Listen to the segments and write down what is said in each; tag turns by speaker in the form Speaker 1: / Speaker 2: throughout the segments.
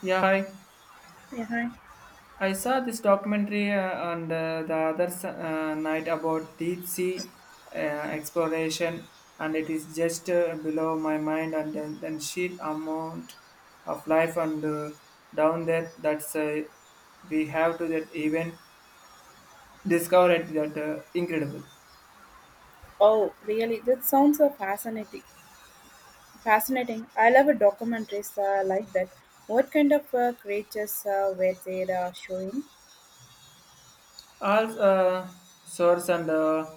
Speaker 1: Yeah, hi.
Speaker 2: Yeah, hi.
Speaker 1: I saw this documentary on the other night about deep sea exploration, and it is just below my mind. And then sheer amount of life and down there that's we have to that even discover it that incredible.
Speaker 2: Oh, really? That sounds so fascinating. Fascinating. I love a documentaries like that. What kind of creatures were they showing?
Speaker 1: All source and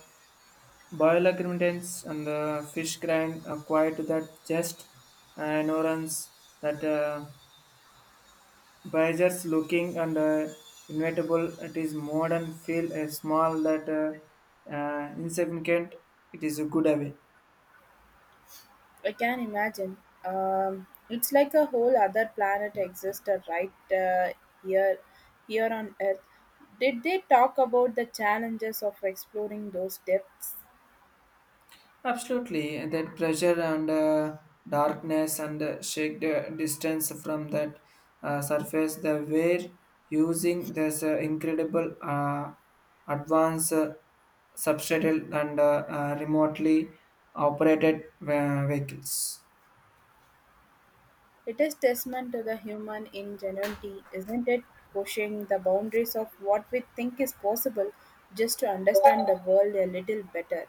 Speaker 1: bioluminescence and fish grind are quiet to that just ignorance that. By just looking and inevitable, it is modern, feel a small that insignificant, it is a good away.
Speaker 2: I can imagine. It's like a whole other planet existed right here, here on Earth. Did they talk about the challenges of exploring those depths?
Speaker 1: Absolutely, and that pressure and darkness and shake the distance from that surface, the were using this incredible advanced substratal and remotely operated vehicles.
Speaker 2: It is testament to the human ingenuity, isn't it? Pushing the boundaries of what we think is possible just to understand the world a little better.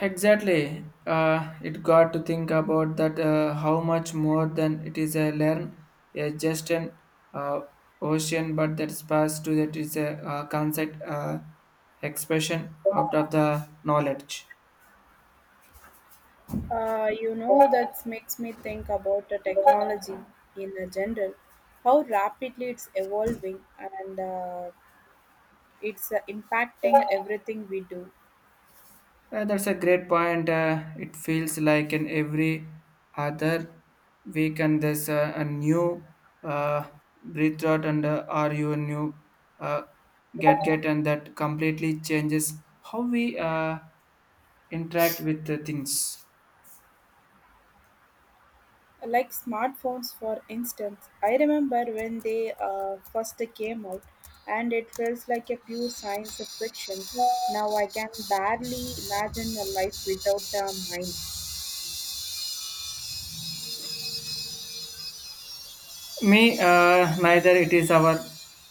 Speaker 1: Exactly. It got to think about that how much more than it is a learn, a just an uh, ocean, but that space to that is a concept expression out of the knowledge.
Speaker 2: That makes me think about the technology in a general, how rapidly it's evolving and it's impacting everything we do.
Speaker 1: That's a great point. It feels like in every other week, and there's a new uh, breath out and are you new uh, get, and that completely changes how we interact with the things.
Speaker 2: Like smartphones, for instance, I remember when they first came out, and it felt like a pure science of fiction. Now I can barely imagine a life without a mind.
Speaker 1: Me, neither it is our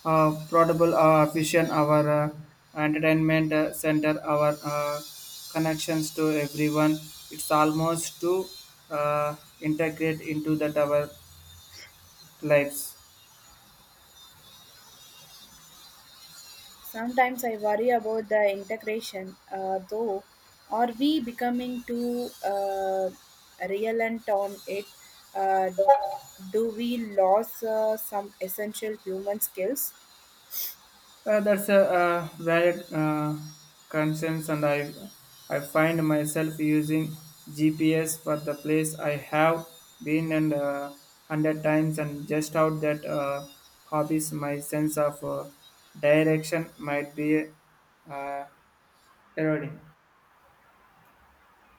Speaker 1: portable vision, our entertainment center, our connections to everyone. It's almost to integrate into that our lives.
Speaker 2: Sometimes I worry about the integration, though. Are we becoming too reliant on it? Uh, do we lose some essential human skills?
Speaker 1: That's a valid concerns, and I find myself using GPS for the place I have been and hundred times, and just out that hobbies, my sense of direction might be uh, eroding.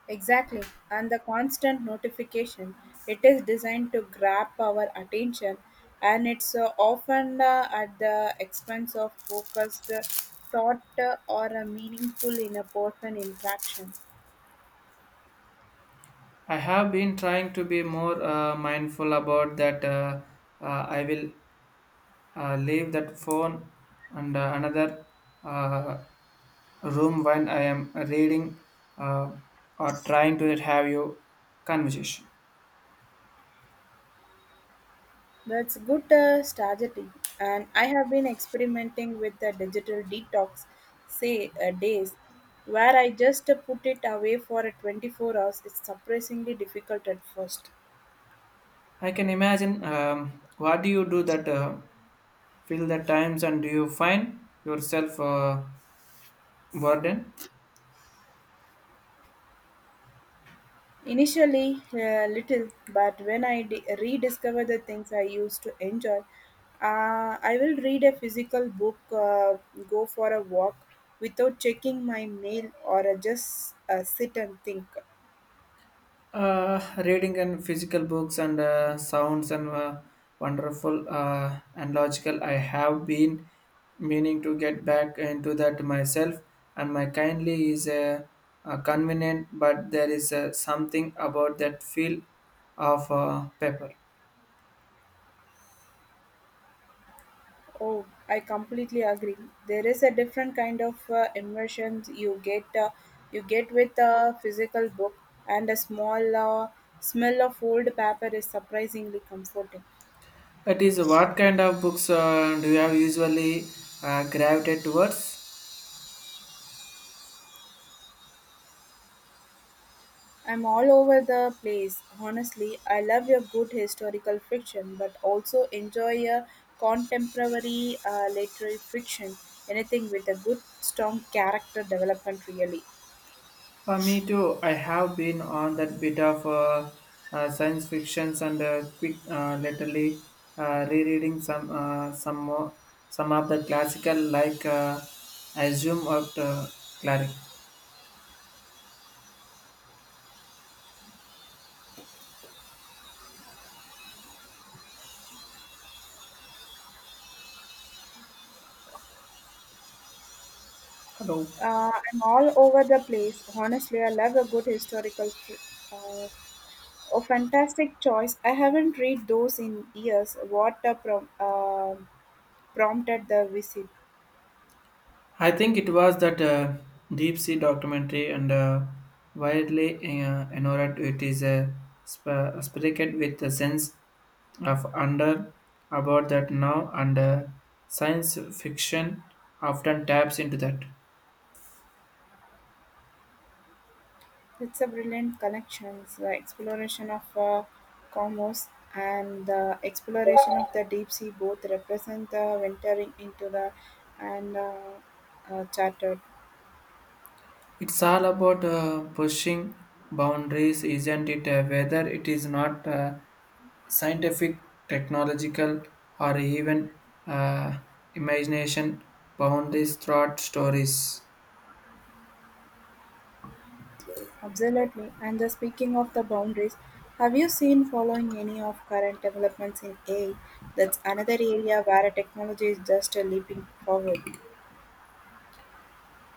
Speaker 2: Exactly, and the constant notification. It is designed to grab our attention, and it's often at the expense of focused thought or a meaningful in a person interaction.
Speaker 1: I have been trying to be more mindful about that. I will leave that phone and another uh, room when I am reading uh, or trying to have your conversation.
Speaker 2: That's good strategy, and I have been experimenting with the digital detox, say days, where I just put it away for 24 hours. It's surprisingly difficult at first.
Speaker 1: I can imagine. What do you do that fill the times and do you find yourself burdened?
Speaker 2: Initially, little, but when rediscover the things I used to enjoy, I will read a physical book, go for a walk without checking my mail, or just sit and think.
Speaker 1: Uh, reading and physical books and sounds and wonderful and logical. I have been meaning to get back into that myself, and my kindly is convenient, but there is something about that feel of paper.
Speaker 2: Oh, I completely agree. There is a different kind of immersion you get. You get with a physical book, and a small smell of old paper is surprisingly comforting.
Speaker 1: It is what kind of books do you have usually gravitated towards?
Speaker 2: I'm all over the place. Honestly, I love a good historical fiction, but also enjoy a contemporary literary fiction. Anything with a good, strong character development, really.
Speaker 1: Me too. I have been on that bit of science fictions and quick, lately rereading some more, some of the classical like Assume of Cleric. Hello.
Speaker 2: I'm all over the place. Honestly, I love a good historical. Uh, a fantastic choice. I haven't read those in years. What prompted the visit?
Speaker 1: I think it was that deep sea documentary and widely ignored. It is spread with a sense of wonder about that now, and science fiction often taps into that.
Speaker 2: It's a brilliant collection, the exploration of cosmos and the exploration of the deep sea both represent the venturing into the and chartered.
Speaker 1: It's all about pushing boundaries, isn't it? Whether it is not scientific, technological, or even uh, imagination boundaries throughout stories.
Speaker 2: Absolutely. And the speaking of the boundaries, have you seen following any of current developments in AI? That's another area where technology is just leaping forward.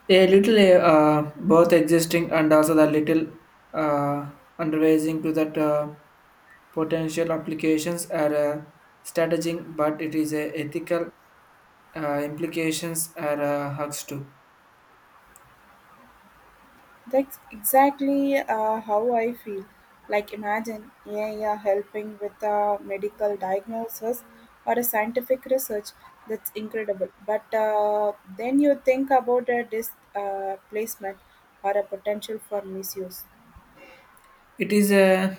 Speaker 1: A little both existing and also the little uh, undervising to that potential applications are strategizing, but it is a ethical implications are hugs too.
Speaker 2: That's exactly how I feel. Like imagine AI helping with a medical diagnosis or a scientific research. That's incredible. But then you think about a displacement or a potential for misuse.
Speaker 1: It is a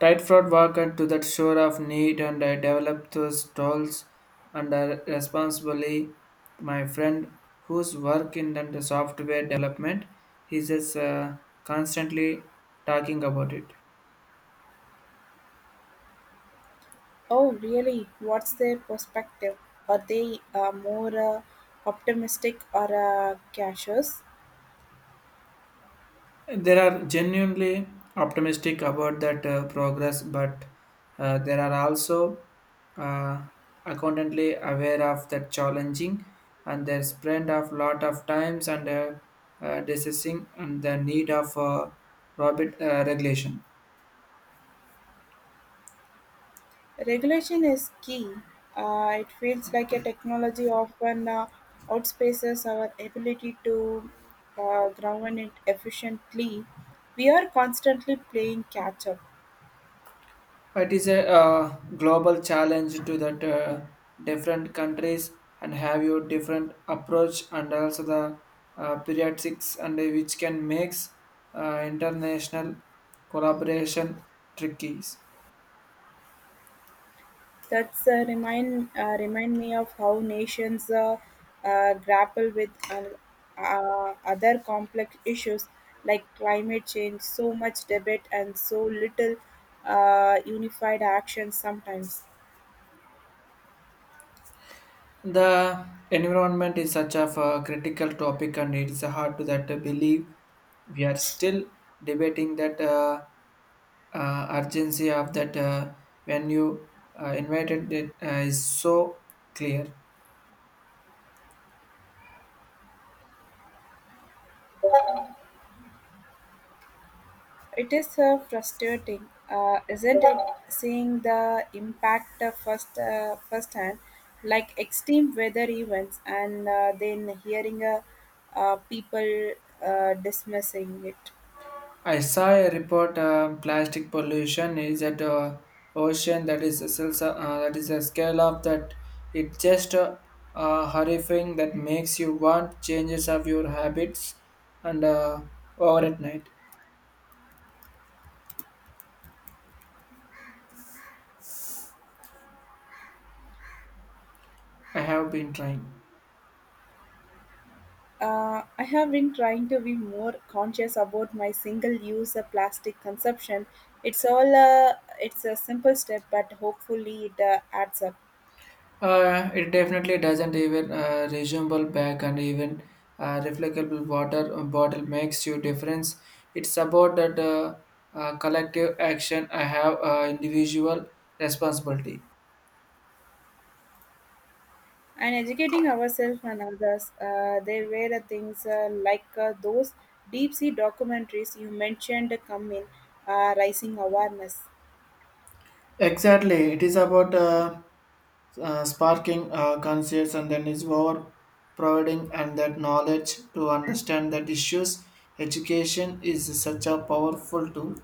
Speaker 1: tight fraud worker to that shore of need and I develop those tools and responsibly. My friend whose work in the software development, he's just constantly talking about it.
Speaker 2: Oh, really? What's their perspective? Are they more optimistic or cautious?
Speaker 1: There are genuinely optimistic about that progress, but there are also uh, accountantly aware of that challenging and their spend a lot of times and discussing and the need of robot regulation.
Speaker 2: Regulation is key. It feels like a technology often outspaces our ability to govern it efficiently. We are constantly playing catch up.
Speaker 1: It is a global challenge to that different countries and have your different approach and also the periodics and which can makes international collaboration tricky.
Speaker 2: That's remind me of how nations grapple with other complex issues like climate change. So much debate and so little unified action sometimes.
Speaker 1: The environment is such of a critical topic and it is hard to that believe we are still debating that urgency of that when you invited it is so clear.
Speaker 2: It is frustrating, isn't it? Seeing the impact firsthand, like extreme weather events, and then hearing people dismissing it.
Speaker 1: I saw a report. Plastic pollution is at ocean that is that is a scale of that it just horrifying that makes you want changes of your habits and over at night. I have been trying.
Speaker 2: I have been trying to be more conscious about my single-use plastic consumption. It's all uh, it's a simple step, but hopefully it adds up.
Speaker 1: It definitely doesn't even resumeable back and even reflectable water bottle makes you difference. It's about that collective action. I have individual responsibility.
Speaker 2: And educating ourselves and others. There were the things those deep sea documentaries you mentioned come in rising awareness.
Speaker 1: Exactly, it is about sparking conscience and then is over providing and that knowledge to understand that issues. Education is such a powerful tool.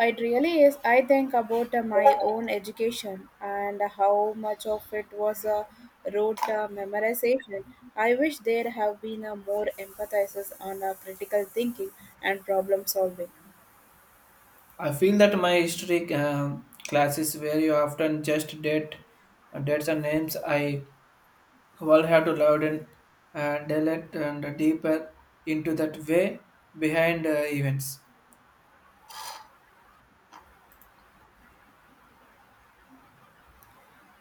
Speaker 2: It really is. I think about my own education and how much of it was rote memorization. I wish there have been more emphasis on critical thinking and problem solving.
Speaker 1: I feel that my history classes where you often just dates and names. I all have to louden and delete and deeper into that way behind events.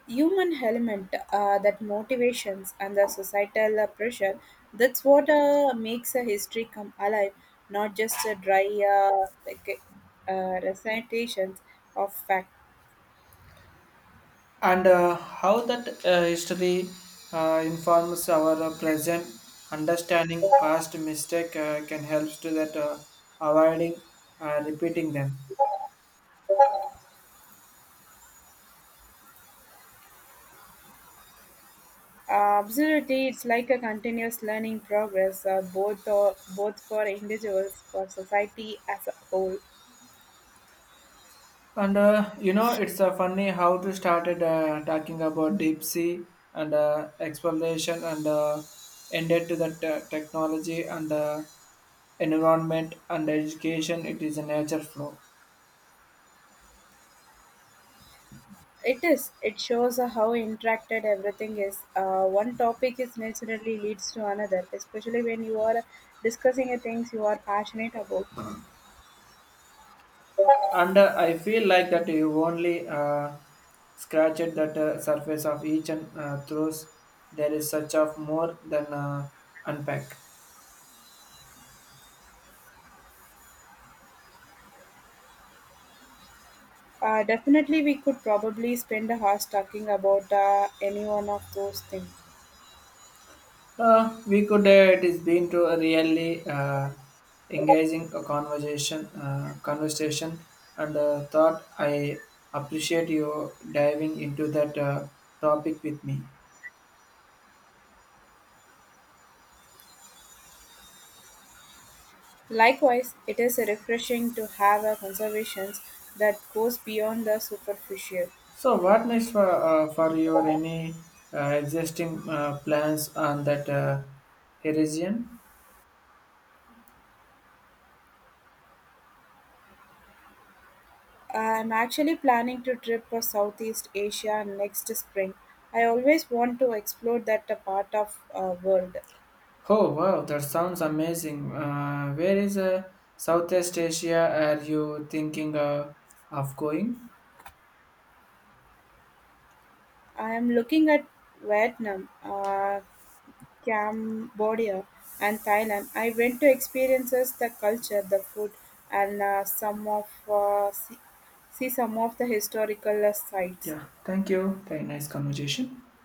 Speaker 2: Human element, that motivations and the societal pressure, that's what makes a history come alive, not just a dry recitations of fact.
Speaker 1: And how that history informs our present understanding past mistake can help to that avoiding repeating them.
Speaker 2: Absolutely, it's like a continuous learning progress, both for individuals, for society as a whole.
Speaker 1: And it's funny how to started talking about deep sea and exploration and ended to that technology and environment and education it is a nature flow.
Speaker 2: It is. It shows how interacted everything is. One topic is naturally leads to another, especially when you are discussing a things you are passionate about.
Speaker 1: And I feel like that you only scratched that surface of each and throws there is such of more than unpack.
Speaker 2: Definitely, we could probably spend a hours talking about any one of those things.
Speaker 1: We could, it is been to a really engaging a conversation and thought I appreciate you diving into that topic with me.
Speaker 2: Likewise, it is refreshing to have a conversation that goes beyond the superficial.
Speaker 1: So what next for your any existing plans on that horizon?
Speaker 2: I'm actually planning to trip for Southeast Asia next spring. I always want to explore that part of world.
Speaker 1: Oh wow, that sounds amazing. Where is Southeast Asia are you thinking of going?
Speaker 2: I am looking at Vietnam, Cambodia and Thailand, I went to experiences the culture, the food, and see some of the historical sites.
Speaker 1: Yeah, thank you. Very nice conversation.